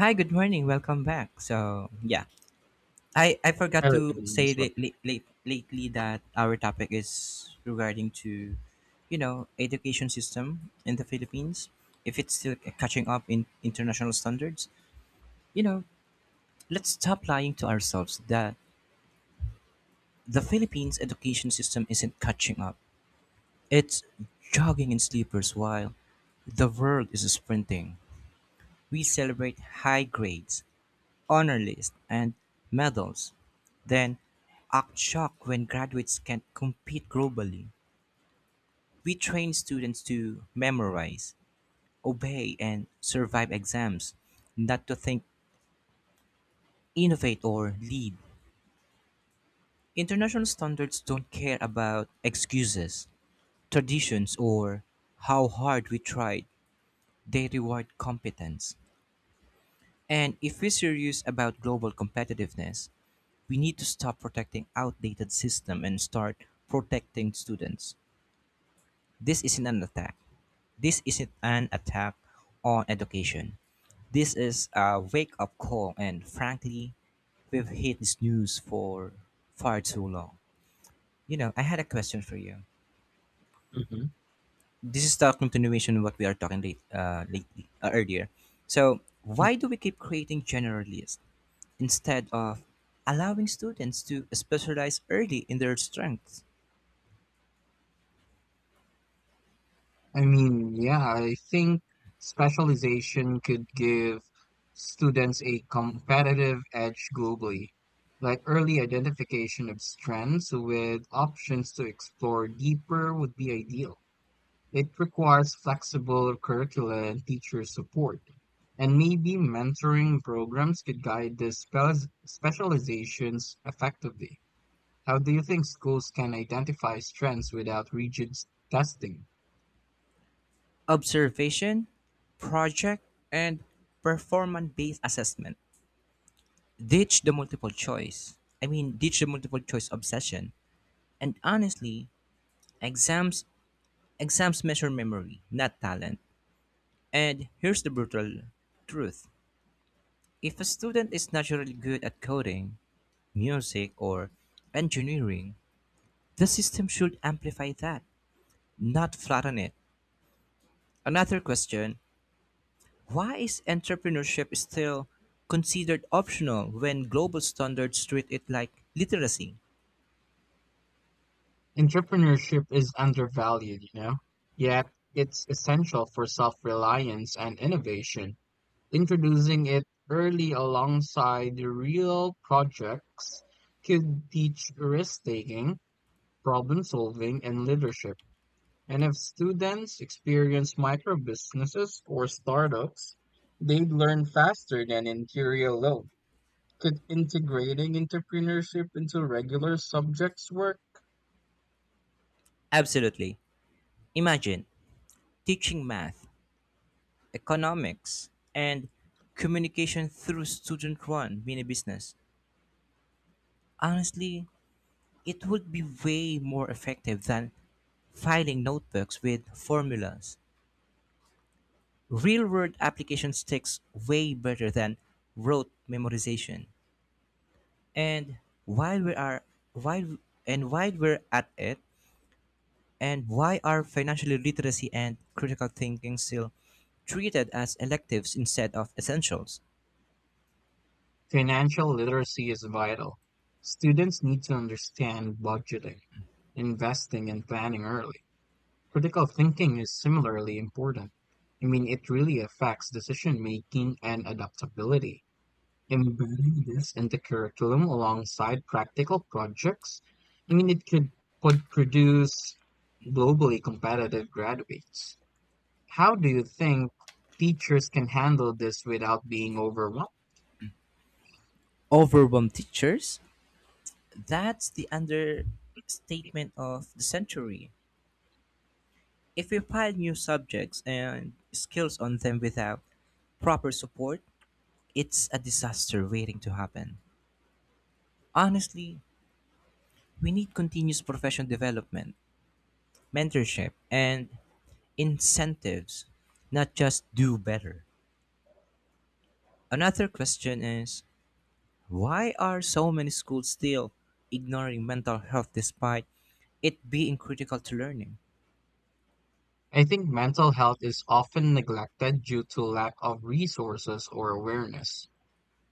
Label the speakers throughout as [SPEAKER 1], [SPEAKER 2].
[SPEAKER 1] Hi, good morning. Welcome back. So, yeah. I forgot
[SPEAKER 2] Very
[SPEAKER 1] to
[SPEAKER 2] good one
[SPEAKER 1] say
[SPEAKER 2] as well.
[SPEAKER 1] that lately that our topic is regarding to, you know, education system in the Philippines. If it's still catching up in international standards, you know, let's stop lying to ourselves that the Philippines education system isn't catching up. It's jogging in sleepers while the world is sprinting. We celebrate high grades honor lists, and medals, then act shocked when graduates can't compete globally. We train students to memorize, obey, and survive exams, not to think, innovate, or lead. International standards don't care about excuses, traditions, or how hard we tried. They reward competence. And if we're serious about global competitiveness, we need to stop protecting outdated system and start protecting students. This isn't an attack. This isn't an attack on education. This is a wake up call, and frankly, we've hit this news for far too long. You know, I had a question for you.
[SPEAKER 2] Mhm.
[SPEAKER 1] This is the continuation of what we are talking lately, earlier. So,
[SPEAKER 2] Mm.
[SPEAKER 1] why do we keep creating generalists instead of allowing students to specialize early in their strengths?
[SPEAKER 2] Yeah, I think specialization could give students a competitive edge globally, like early identification of strengths with options to explore deeper would be ideal. It requires flexible curricula and teacher support. And maybe mentoring programs could guide the specializations effectively. How do you think schools can identify strengths without rigid testing?
[SPEAKER 1] Observation, project, and performance based assessment. Ditch the multiple choice. I mean, ditch the multiple choice obsession. And honestly, exams exams measure memory, not talent. And here's the brutal truth. If a student is naturally good at coding, music, or engineering, the system should amplify that, not flatten it. Another question. Why is entrepreneurship still considered optional when global standards treat it like literacy?
[SPEAKER 2] Entrepreneurship is undervalued, you know, yet it's essential for self-reliance and innovation. Introducing it early alongside real projects could teach risk-taking, problem-solving, and leadership. And if students experience micro businesses or startups, they'd learn faster than in theory alone. Could integrating entrepreneurship into regular subjects work?
[SPEAKER 1] Absolutely. Imagine teaching math, economics, and communication through student run mini business. Honestly, it would be way more effective than filing notebooks with formulas. Real world applications takes way better than rote memorization. And while we are while and while we're at it, and why are financial literacy and critical thinking still treated as electives instead of essentials?
[SPEAKER 2] Financial literacy is vital. Students need to understand budgeting, investing, and planning early. Critical thinking is similarly important. It really affects decision making and adaptability. Embedding this into curriculum alongside practical projects, I mean, it could, could produce globally competitive graduates. How do you think teachers can handle this without being overwhelmed?
[SPEAKER 1] Overwhelm teachers? That's the understatement of the century. If we pile new subjects and skills on them without proper support, it's a disaster waiting to happen. Honestly, we need continuous professional development, mentorship, and incentives, not just do better. Another question is, why are so many schools still ignoring mental health despite it being critical to learning?
[SPEAKER 2] I think mental health is often neglected due to lack of resources or awareness,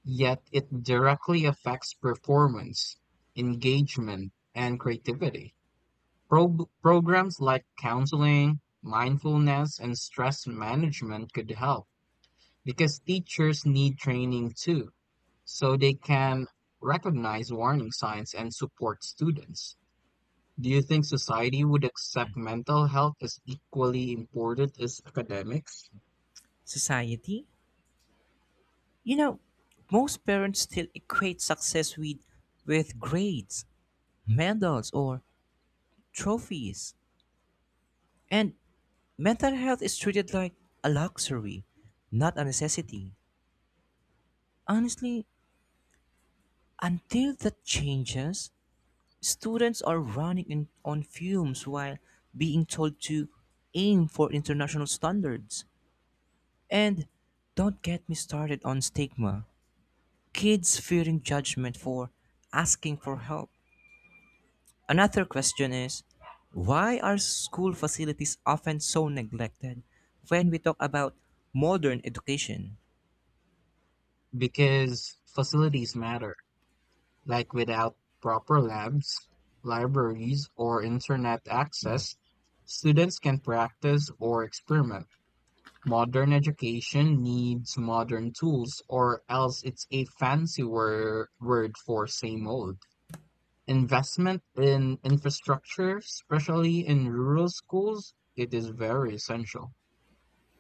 [SPEAKER 2] yet it directly affects performance, engagement, and creativity. Programs like counseling, mindfulness, and stress management could help because teachers need training too, so they can recognize warning signs and support students. Do you think society would accept mental health as equally important as academics?
[SPEAKER 1] Society? You know, most parents still equate success with grades, medals, or trophies. And mental health is treated like a luxury, not a necessity. Honestly, until that changes, students are running in, on fumes while being told to aim for international standards. And don't get me started on stigma. Kids fearing judgment for asking for help. Another question is, why are school facilities often so neglected when we talk about modern education?
[SPEAKER 2] Because facilities matter. Like without proper labs, libraries, or internet access, students can practice or experiment. Modern education needs modern tools, or else it's a fancy word for same old. Investment in infrastructure, especially in rural schools, it is very essential.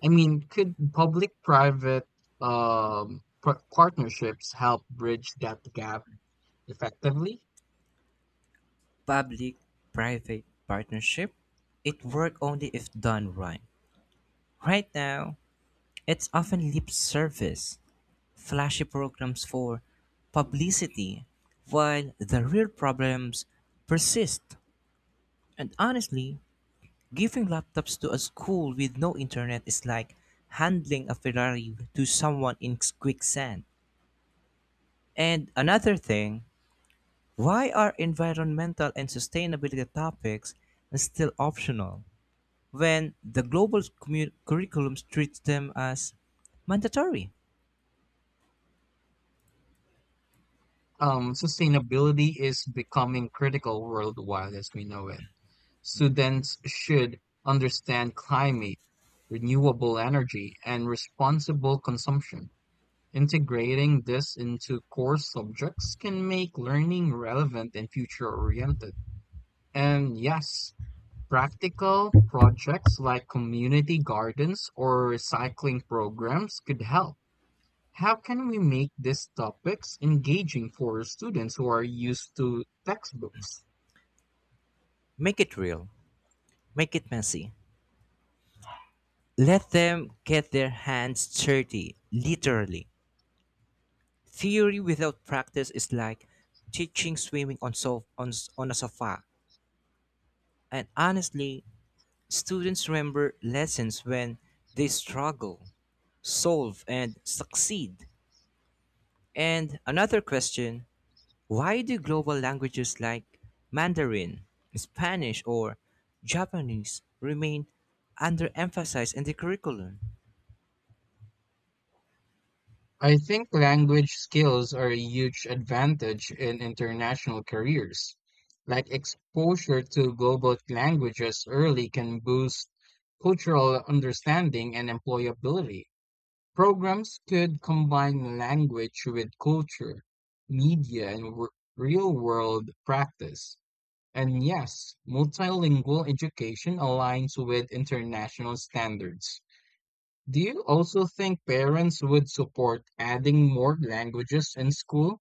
[SPEAKER 2] Could public-private partnerships help bridge that gap effectively?
[SPEAKER 1] Public private partnership? It works only if done right. Right now, it's often lip service flashy programs for publicity while the real problems persist. And honestly, giving laptops to a school with no internet is like handing a Ferrari to someone in quicksand. And another thing, why are environmental and sustainability topics still optional when the global curriculum treats them as mandatory?
[SPEAKER 2] Sustainability is becoming critical worldwide as we know it. Students should understand climate, renewable energy, and responsible consumption. Integrating this into core subjects can make learning relevant and future-oriented. And yes, practical projects like community gardens or recycling programs could help. How can we make these topics engaging for students who are used to textbooks?
[SPEAKER 1] Make it real, make it messy, let them get their hands dirty, literally. Theory without practice is like teaching swimming on, so- on, s- on a sofa. And honestly, students remember lessons when they struggle, solve, and succeed. And another question, why do global languages like Mandarin, Spanish, or Japanese remain underemphasized in the curriculum?
[SPEAKER 2] I think language skills are a huge advantage in international careers. Like exposure to global languages early can boost cultural understanding and employability. Programs could combine language with culture, media, and real-world practice. And yes, multilingual education aligns with international standards. Do you also think parents would support adding more languages in school?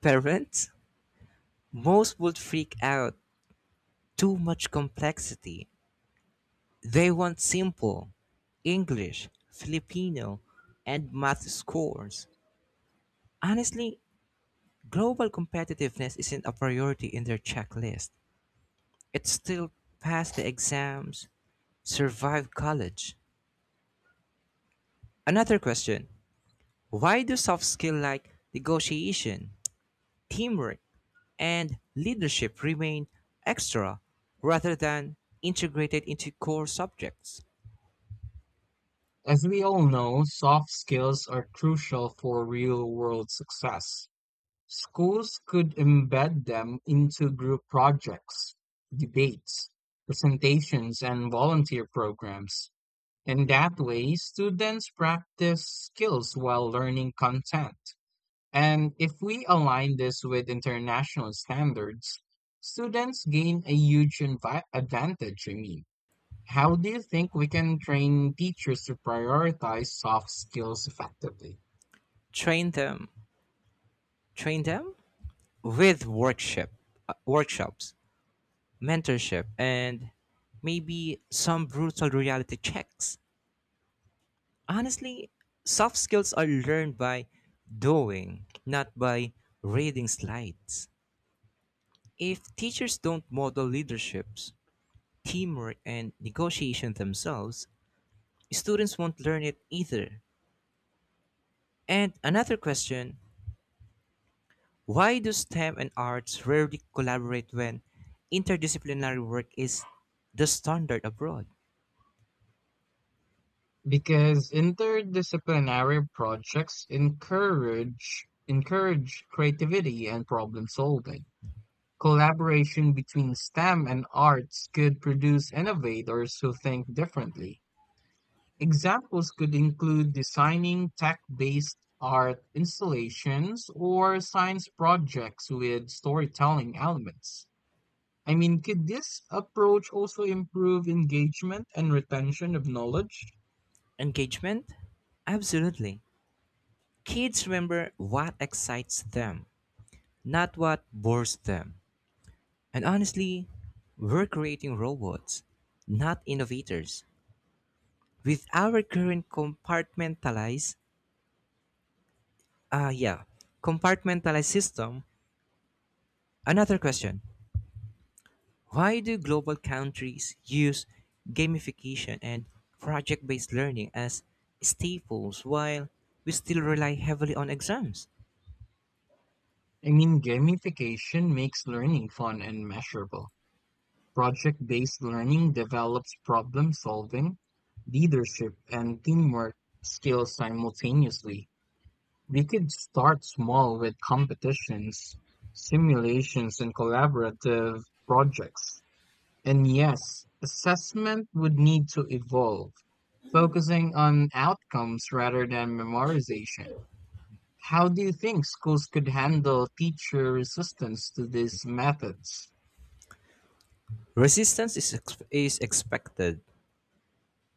[SPEAKER 1] Parents? Most would freak out too much complexity. They want simple English, Filipino, and math scores. Honestly, global competitiveness isn't a priority in their checklist. It's still pass the exams, survive college. Another question. Why do soft skills like negotiation, teamwork, and leadership remain extra rather than integrated into core subjects?
[SPEAKER 2] As we all know, soft skills are crucial for real-world success. Schools could embed them into group projects, debates, presentations, and volunteer programs. In that way, students practice skills while learning content. And if we align this with international standards, students gain a huge advantage. How do you think we can train teachers to prioritize soft skills effectively?
[SPEAKER 1] Train them. Train them? With workshops, mentorship, and maybe some brutal reality checks. Honestly, soft skills are learned by doing, not by reading slides. If teachers don't model leaderships, teamwork, and negotiation themselves, students won't learn it either. And another question, why do STEM and arts rarely collaborate when interdisciplinary work is the standard abroad?
[SPEAKER 2] Because interdisciplinary projects encourage creativity and problem solving. Collaboration between STEM and arts could produce innovators who think differently. Examples could include designing tech-based art installations or science projects with storytelling elements. Could this approach also improve engagement and retention of knowledge?
[SPEAKER 1] Engagement? Absolutely. Kids remember what excites them, not what bores them. And honestly, we're creating robots, not innovators. With our current ah, yeah, compartmentalized system, another question. Why do global countries use gamification and project-based learning as staples while we still rely heavily on exams?
[SPEAKER 2] Gamification makes learning fun and measurable. Project-based learning develops problem solving, leadership, and teamwork skills simultaneously. We could start small with competitions, simulations, and collaborative projects. And yes, assessment would need to evolve, focusing on outcomes rather than memorization. How do you think schools could handle teacher resistance to these methods?
[SPEAKER 1] Resistance is expected.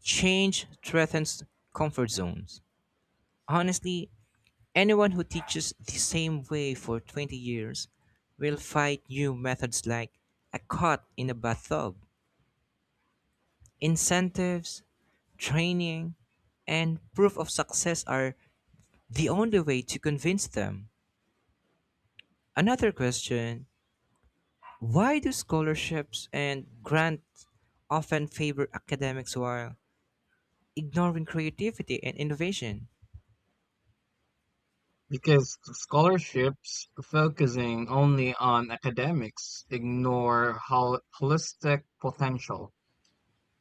[SPEAKER 1] Change threatens comfort zones. Honestly, anyone who teaches the same way for 20 years will fight new methods like a cot in a bathtub. Incentives, training, and proof of success are the only way to convince them. Another question, why do scholarships and grants often favor academics while ignoring creativity and innovation?
[SPEAKER 2] Because scholarships focusing only on academics ignore holistic potential.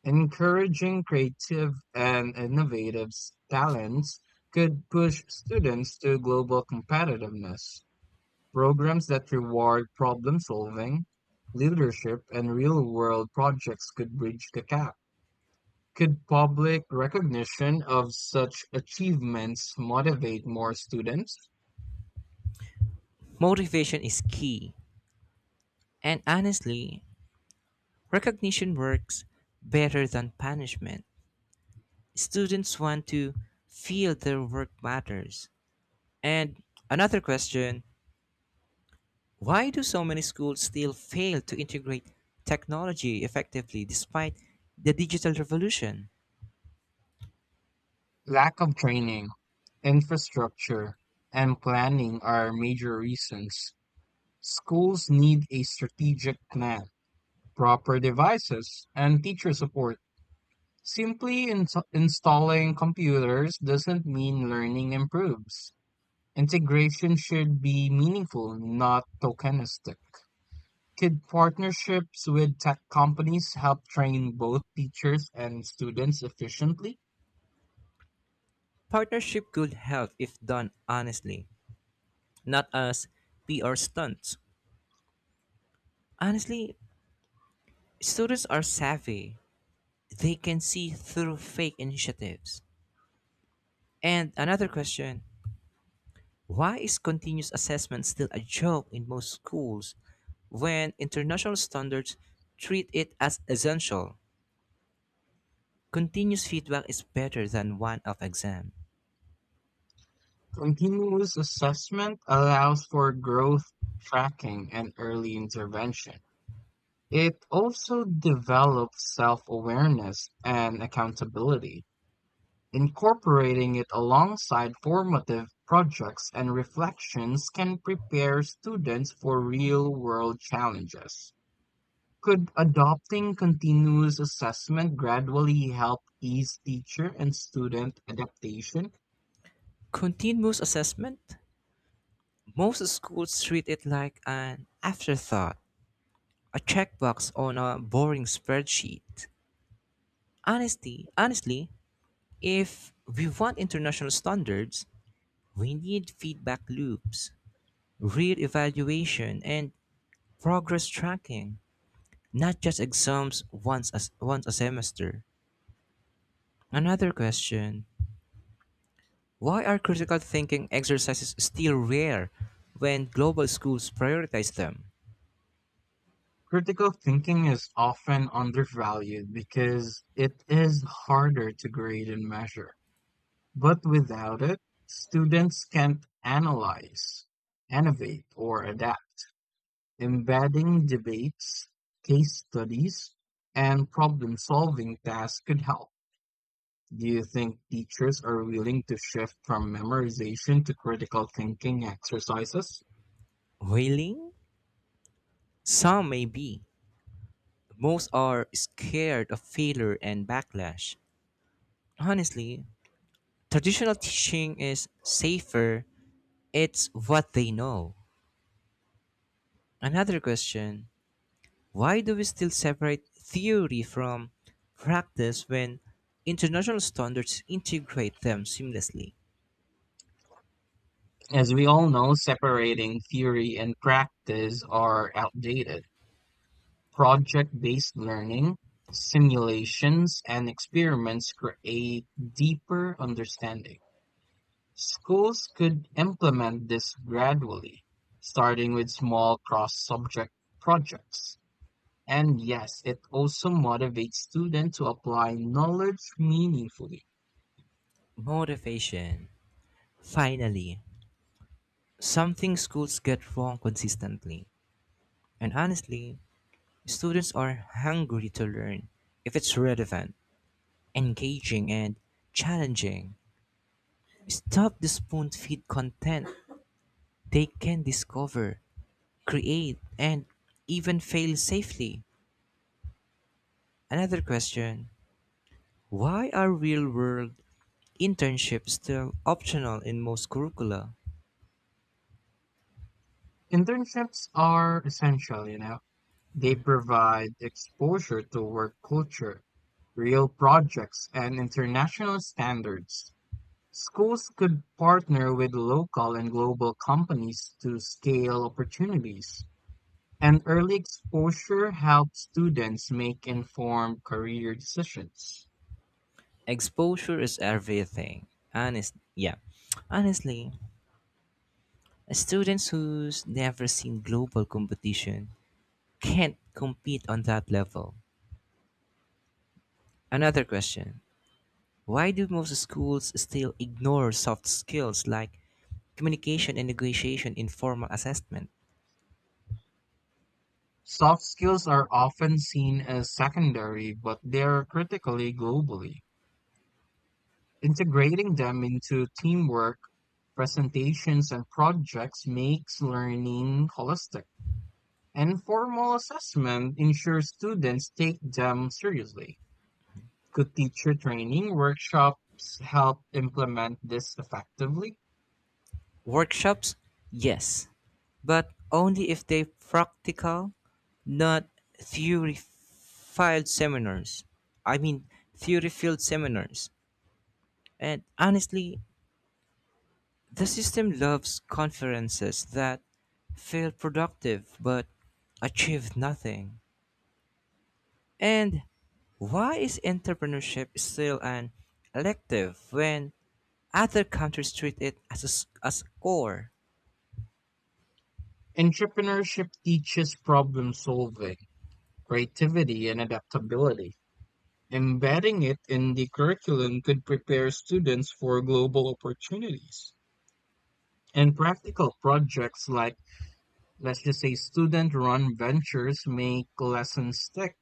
[SPEAKER 2] Encouraging creative and innovative talents could push students to global competitiveness. Programs that reward problem solving, leadership, and real world projects could bridge the gap. Could public recognition of such achievements motivate more students?
[SPEAKER 1] Motivation is key, and honestly, recognition works better than punishment. Students want to feel their work matters. And another question, why do so many schools still fail to integrate technology effectively despite the digital revolution?
[SPEAKER 2] Lack of training, infrastructure, and planning are major reasons. Schools need a strategic plan, proper devices, and teacher support. Simply installing computers doesn't mean learning improves. Integration should be meaningful, not tokenistic. Could partnerships with tech companies help train both teachers and students efficiently?
[SPEAKER 1] Partnership could help if done honestly, not as PR stunts. Honestly, students are savvy, they can see through fake initiatives. And another question. Why is continuous assessment still a joke in most schools when international standards treat it as essential? Continuous feedback is better than one off exam.
[SPEAKER 2] Continuous assessment allows for growth tracking and early intervention. It also develops self awareness and accountability. Incorporating it alongside formative projects and reflections can prepare students for real world challenges. Could adopting continuous assessment gradually help ease teacher and student adaptation?
[SPEAKER 1] Continuous assessment? Most schools treat it like an afterthought, a checkbox on a boring spreadsheet. Honestly, if we want international standards, we need feedback loops, real evaluation, and progress tracking, not just exams once a semester. Another question. Why are critical thinking exercises still rare when global schools prioritize them?
[SPEAKER 2] Critical thinking is often undervalued because it is harder to grade and measure. But without it, students can't analyze, innovate, or adapt. Embedding debates, case studies, and problem solving tasks could help. Do you think teachers are willing to shift from memorization to critical thinking exercises?
[SPEAKER 1] Whaling? Some may be. Most are scared of failure and backlash. Honestly, traditional teaching is safer, it's what they know. Another question. Why do we still separate theory from practice when international standards integrate them seamlessly?
[SPEAKER 2] As we all know, separating theory and practice are outdated. Project based learning, simulations, and experiments create deeper understanding. Schools could implement this gradually, starting with small cross subject projects. And yes, it also motivates students to apply knowledge meaningfully.
[SPEAKER 1] Motivation. Finally, something schools get wrong consistently. And honestly, students are hungry to learn if it's relevant, engaging, and challenging. Stop the spoon feed content they can discover, create, and even fail safely. Another question. Why are real world internships still optional in most curricula?
[SPEAKER 2] Internships are essential, you know. They provide exposure to work culture, real projects, and international standards. Schools could partner with local and global companies to scale opportunities. And early exposure helps students make informed career decisions.
[SPEAKER 1] Exposure is everything. Yeah. Honestly, students who's never seen global competition can't compete on that level. Another question. Why do most schools still ignore soft skills like communication and negotiation in formal assessment?
[SPEAKER 2] Soft skills are often seen as secondary, but they are critically globally. Integrating them into teamwork, presentations, and projects makes learning holistic. And formal assessment ensures students take them seriously. Could teacher training workshops help implement this effectively?
[SPEAKER 1] Workshops, yes, but only if they practical, not theory field seminars. I mean, theory field seminars. And honestly, the system loves conferences that feel productive but achieve nothing. And why is entrepreneurship still an elective when other countries treat it as as a core?
[SPEAKER 2] Entrepreneurship teaches problem solving, creativity, and adaptability. Embedding it in the curriculum could prepare students for global opportunities. And practical projects like, let's just say, student run ventures make lessons stick.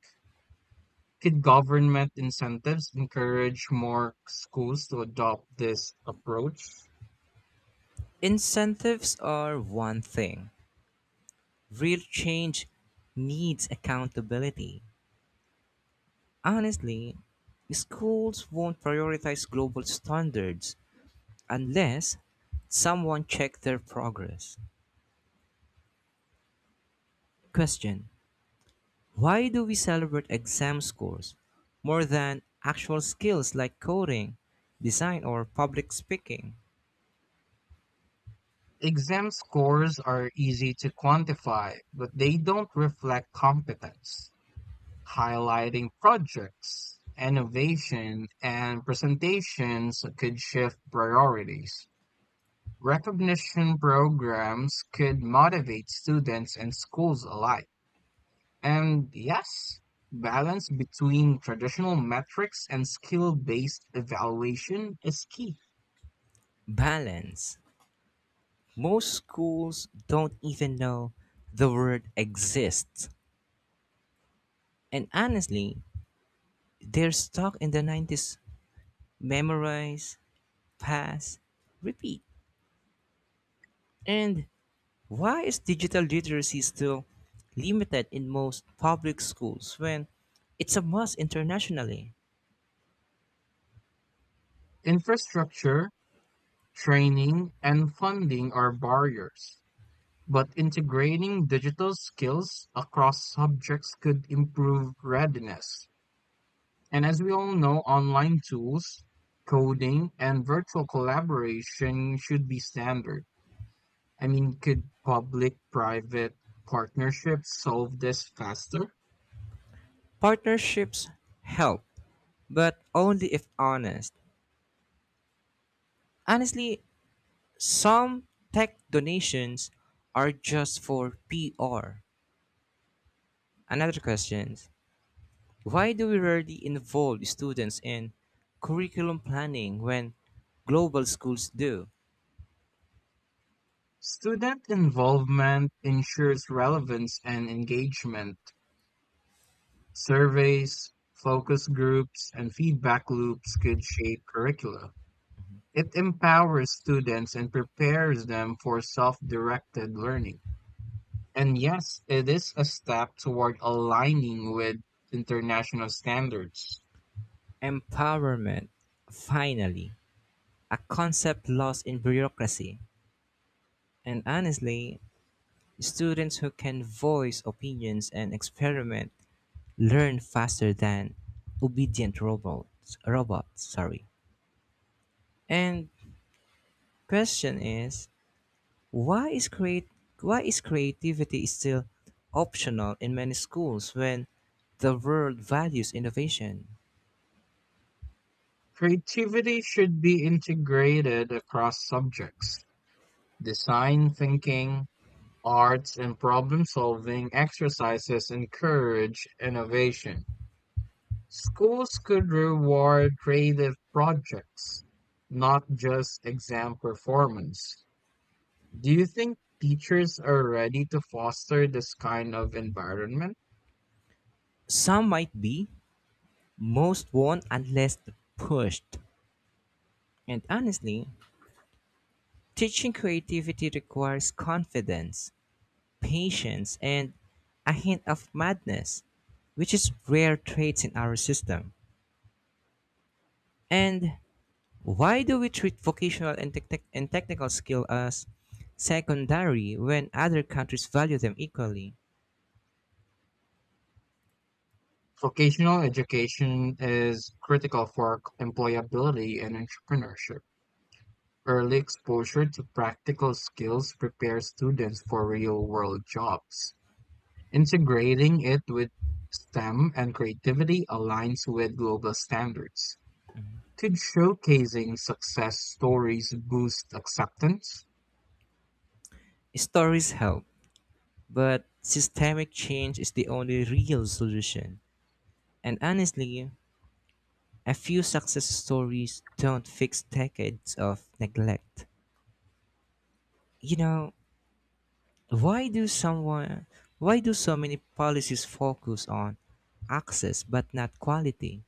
[SPEAKER 2] Could government incentives encourage more schools to adopt this approach?
[SPEAKER 1] Incentives are one thing, real change needs accountability. Honestly, schools won't prioritize global standards unless someone checks their progress. Question. Why do we celebrate exam scores more than actual skills like coding, design, or public speaking?
[SPEAKER 2] Exam scores are easy to quantify, but they don't reflect competence. Highlighting projects, innovation, and presentations could shift priorities. Recognition programs could motivate students and schools alike. And yes, balance between traditional metrics and skill based evaluation is key.
[SPEAKER 1] Balance. Most schools don't even know the word exists. And honestly, they're stuck in the nineties memorize, pass, repeat. And why is digital literacy still limited in most public schools when it's a must internationally?
[SPEAKER 2] Infrastructure, training, and funding are barriers, but integrating digital skills across subjects could improve readiness. And as we all know, online tools, coding, and virtual collaboration should be standard. Could public private partnerships solve this faster?
[SPEAKER 1] Partnerships help, but only if honest. Honestly, some tech donations are just for PR. Another question. Why do we rarely involve students in curriculum planning when global schools do?
[SPEAKER 2] Student involvement ensures relevance and engagement. Surveys, focus groups, and feedback loops could shape curricula. It empowers students and prepares them for self directed learning. And yes, it is a step toward aligning with international standards.
[SPEAKER 1] Empowerment, finally, a concept lost in bureaucracy. And honestly, students who can voice opinions and experiment learn faster than obedient robots. Robots, sorry. And question is, why is create why is creativity still optional in many schools when the world values innovation.
[SPEAKER 2] Creativity should be integrated across subjects. Design thinking, arts, and problem solving exercises encourage innovation. Schools could reward creative projects, not just exam performance. Do you think teachers are ready to foster this kind of environment?
[SPEAKER 1] Some might be, most won't unless pushed. And honestly, teaching creativity requires confidence, patience, and a hint of madness, which is rare traits in our system. And why do we treat vocational and, technical skill as secondary when other countries value them equally?
[SPEAKER 2] Vocational education is critical for employability and entrepreneurship. Early exposure to practical skills prepares students for real-world jobs. Integrating it with STEM and creativity aligns with global standards. Could showcasing success stories boost acceptance?
[SPEAKER 1] Stories help, but systemic change is the only real solution. And honestly, a few success stories don't fix decades of neglect. You know, Why do someone why do so many policies focus on access but not quality?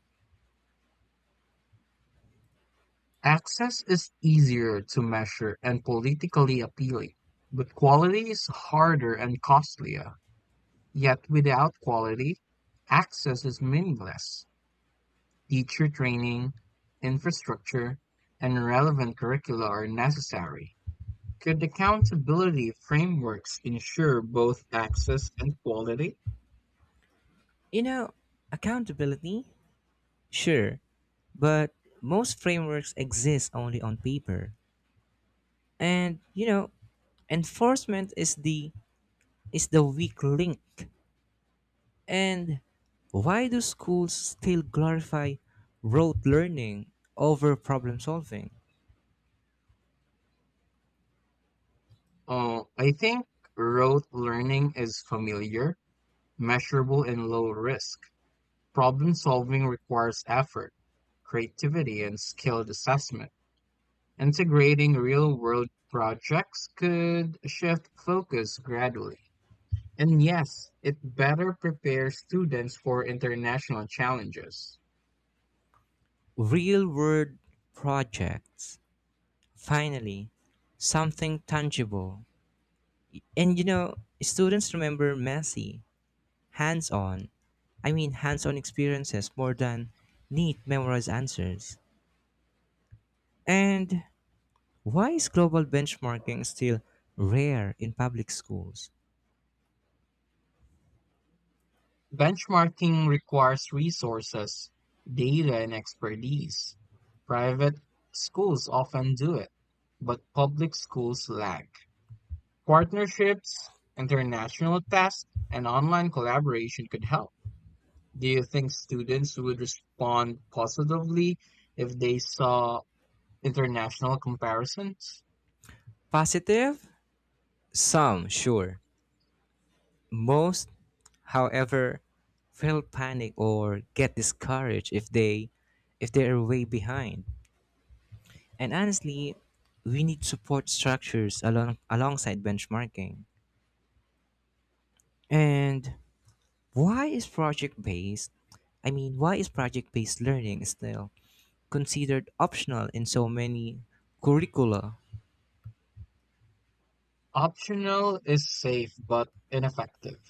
[SPEAKER 2] Access is easier to measure and politically appealing, but quality is harder and costlier. Yet without quality, access is meaningless. Teacher training, infrastructure, and relevant curricula are necessary. Could accountability frameworks ensure both access and quality?
[SPEAKER 1] You know, accountability? Sure, but most frameworks exist only on paper. And you know, enforcement is the weak link. And why do schools still glorify rote learning over problem solving?
[SPEAKER 2] I think rote learning is familiar, measurable, and low risk. Problem solving requires effort, creativity, and skilled assessment. Integrating real-world projects could shift focus gradually. And yes, it better prepares students for international challenges.
[SPEAKER 1] Real world projects. Finally, something tangible. And you know, students remember messy, hands on, hands on experiences more than neat memorized answers. And why is global benchmarking still rare in public schools?
[SPEAKER 2] Benchmarking requires resources, data, and expertise. Private schools often do it, but public schools lag. Partnerships, international tests, and online collaboration could help. Do you think students would respond positively if they saw international comparisons?
[SPEAKER 1] Positive? Some, sure. Most, however, feel panic or get discouraged if they are way behind. And honestly, we need support structures alongside benchmarking. And Why is project based? Why is project based learning still considered optional in so many curricula?
[SPEAKER 2] Optional is safe but ineffective.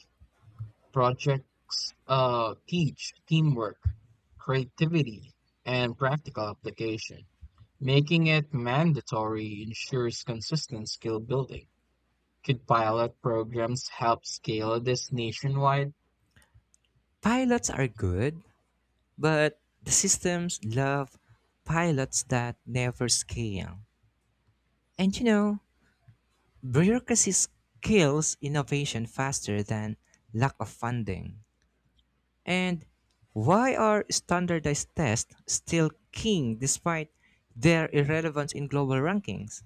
[SPEAKER 2] Projects teach teamwork, creativity, and practical application. Making it mandatory ensures consistent skill building. Could pilot programs help scale this nationwide?
[SPEAKER 1] Pilots are good, but the systems love pilots that never scale. And you know, bureaucracy kills innovation faster than lack of funding. And why are standardized tests still king despite their irrelevance in global rankings?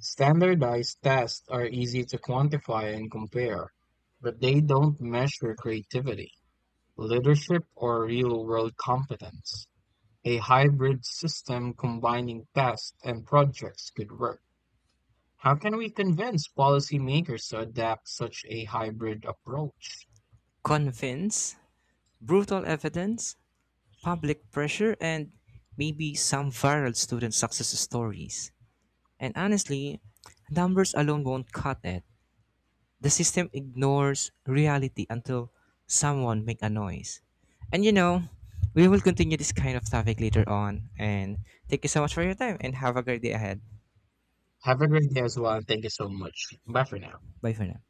[SPEAKER 2] Standardized tests are easy to quantify and compare, but they don't measure creativity, leadership, or real world competence. A hybrid system combining tests and projects could work. How can we convince policymakers to adapt such a hybrid approach?
[SPEAKER 1] Convince brutal evidence, public pressure, and maybe some viral student success stories. And honestly, numbers alone won't cut it. The system ignores reality until someone make a noise. And you know, we will continue this kind of topic later on. And thank you so much for your time and have a great day ahead.
[SPEAKER 2] Have a great day as well, and thank you so much. Bye for now.
[SPEAKER 1] Bye for now.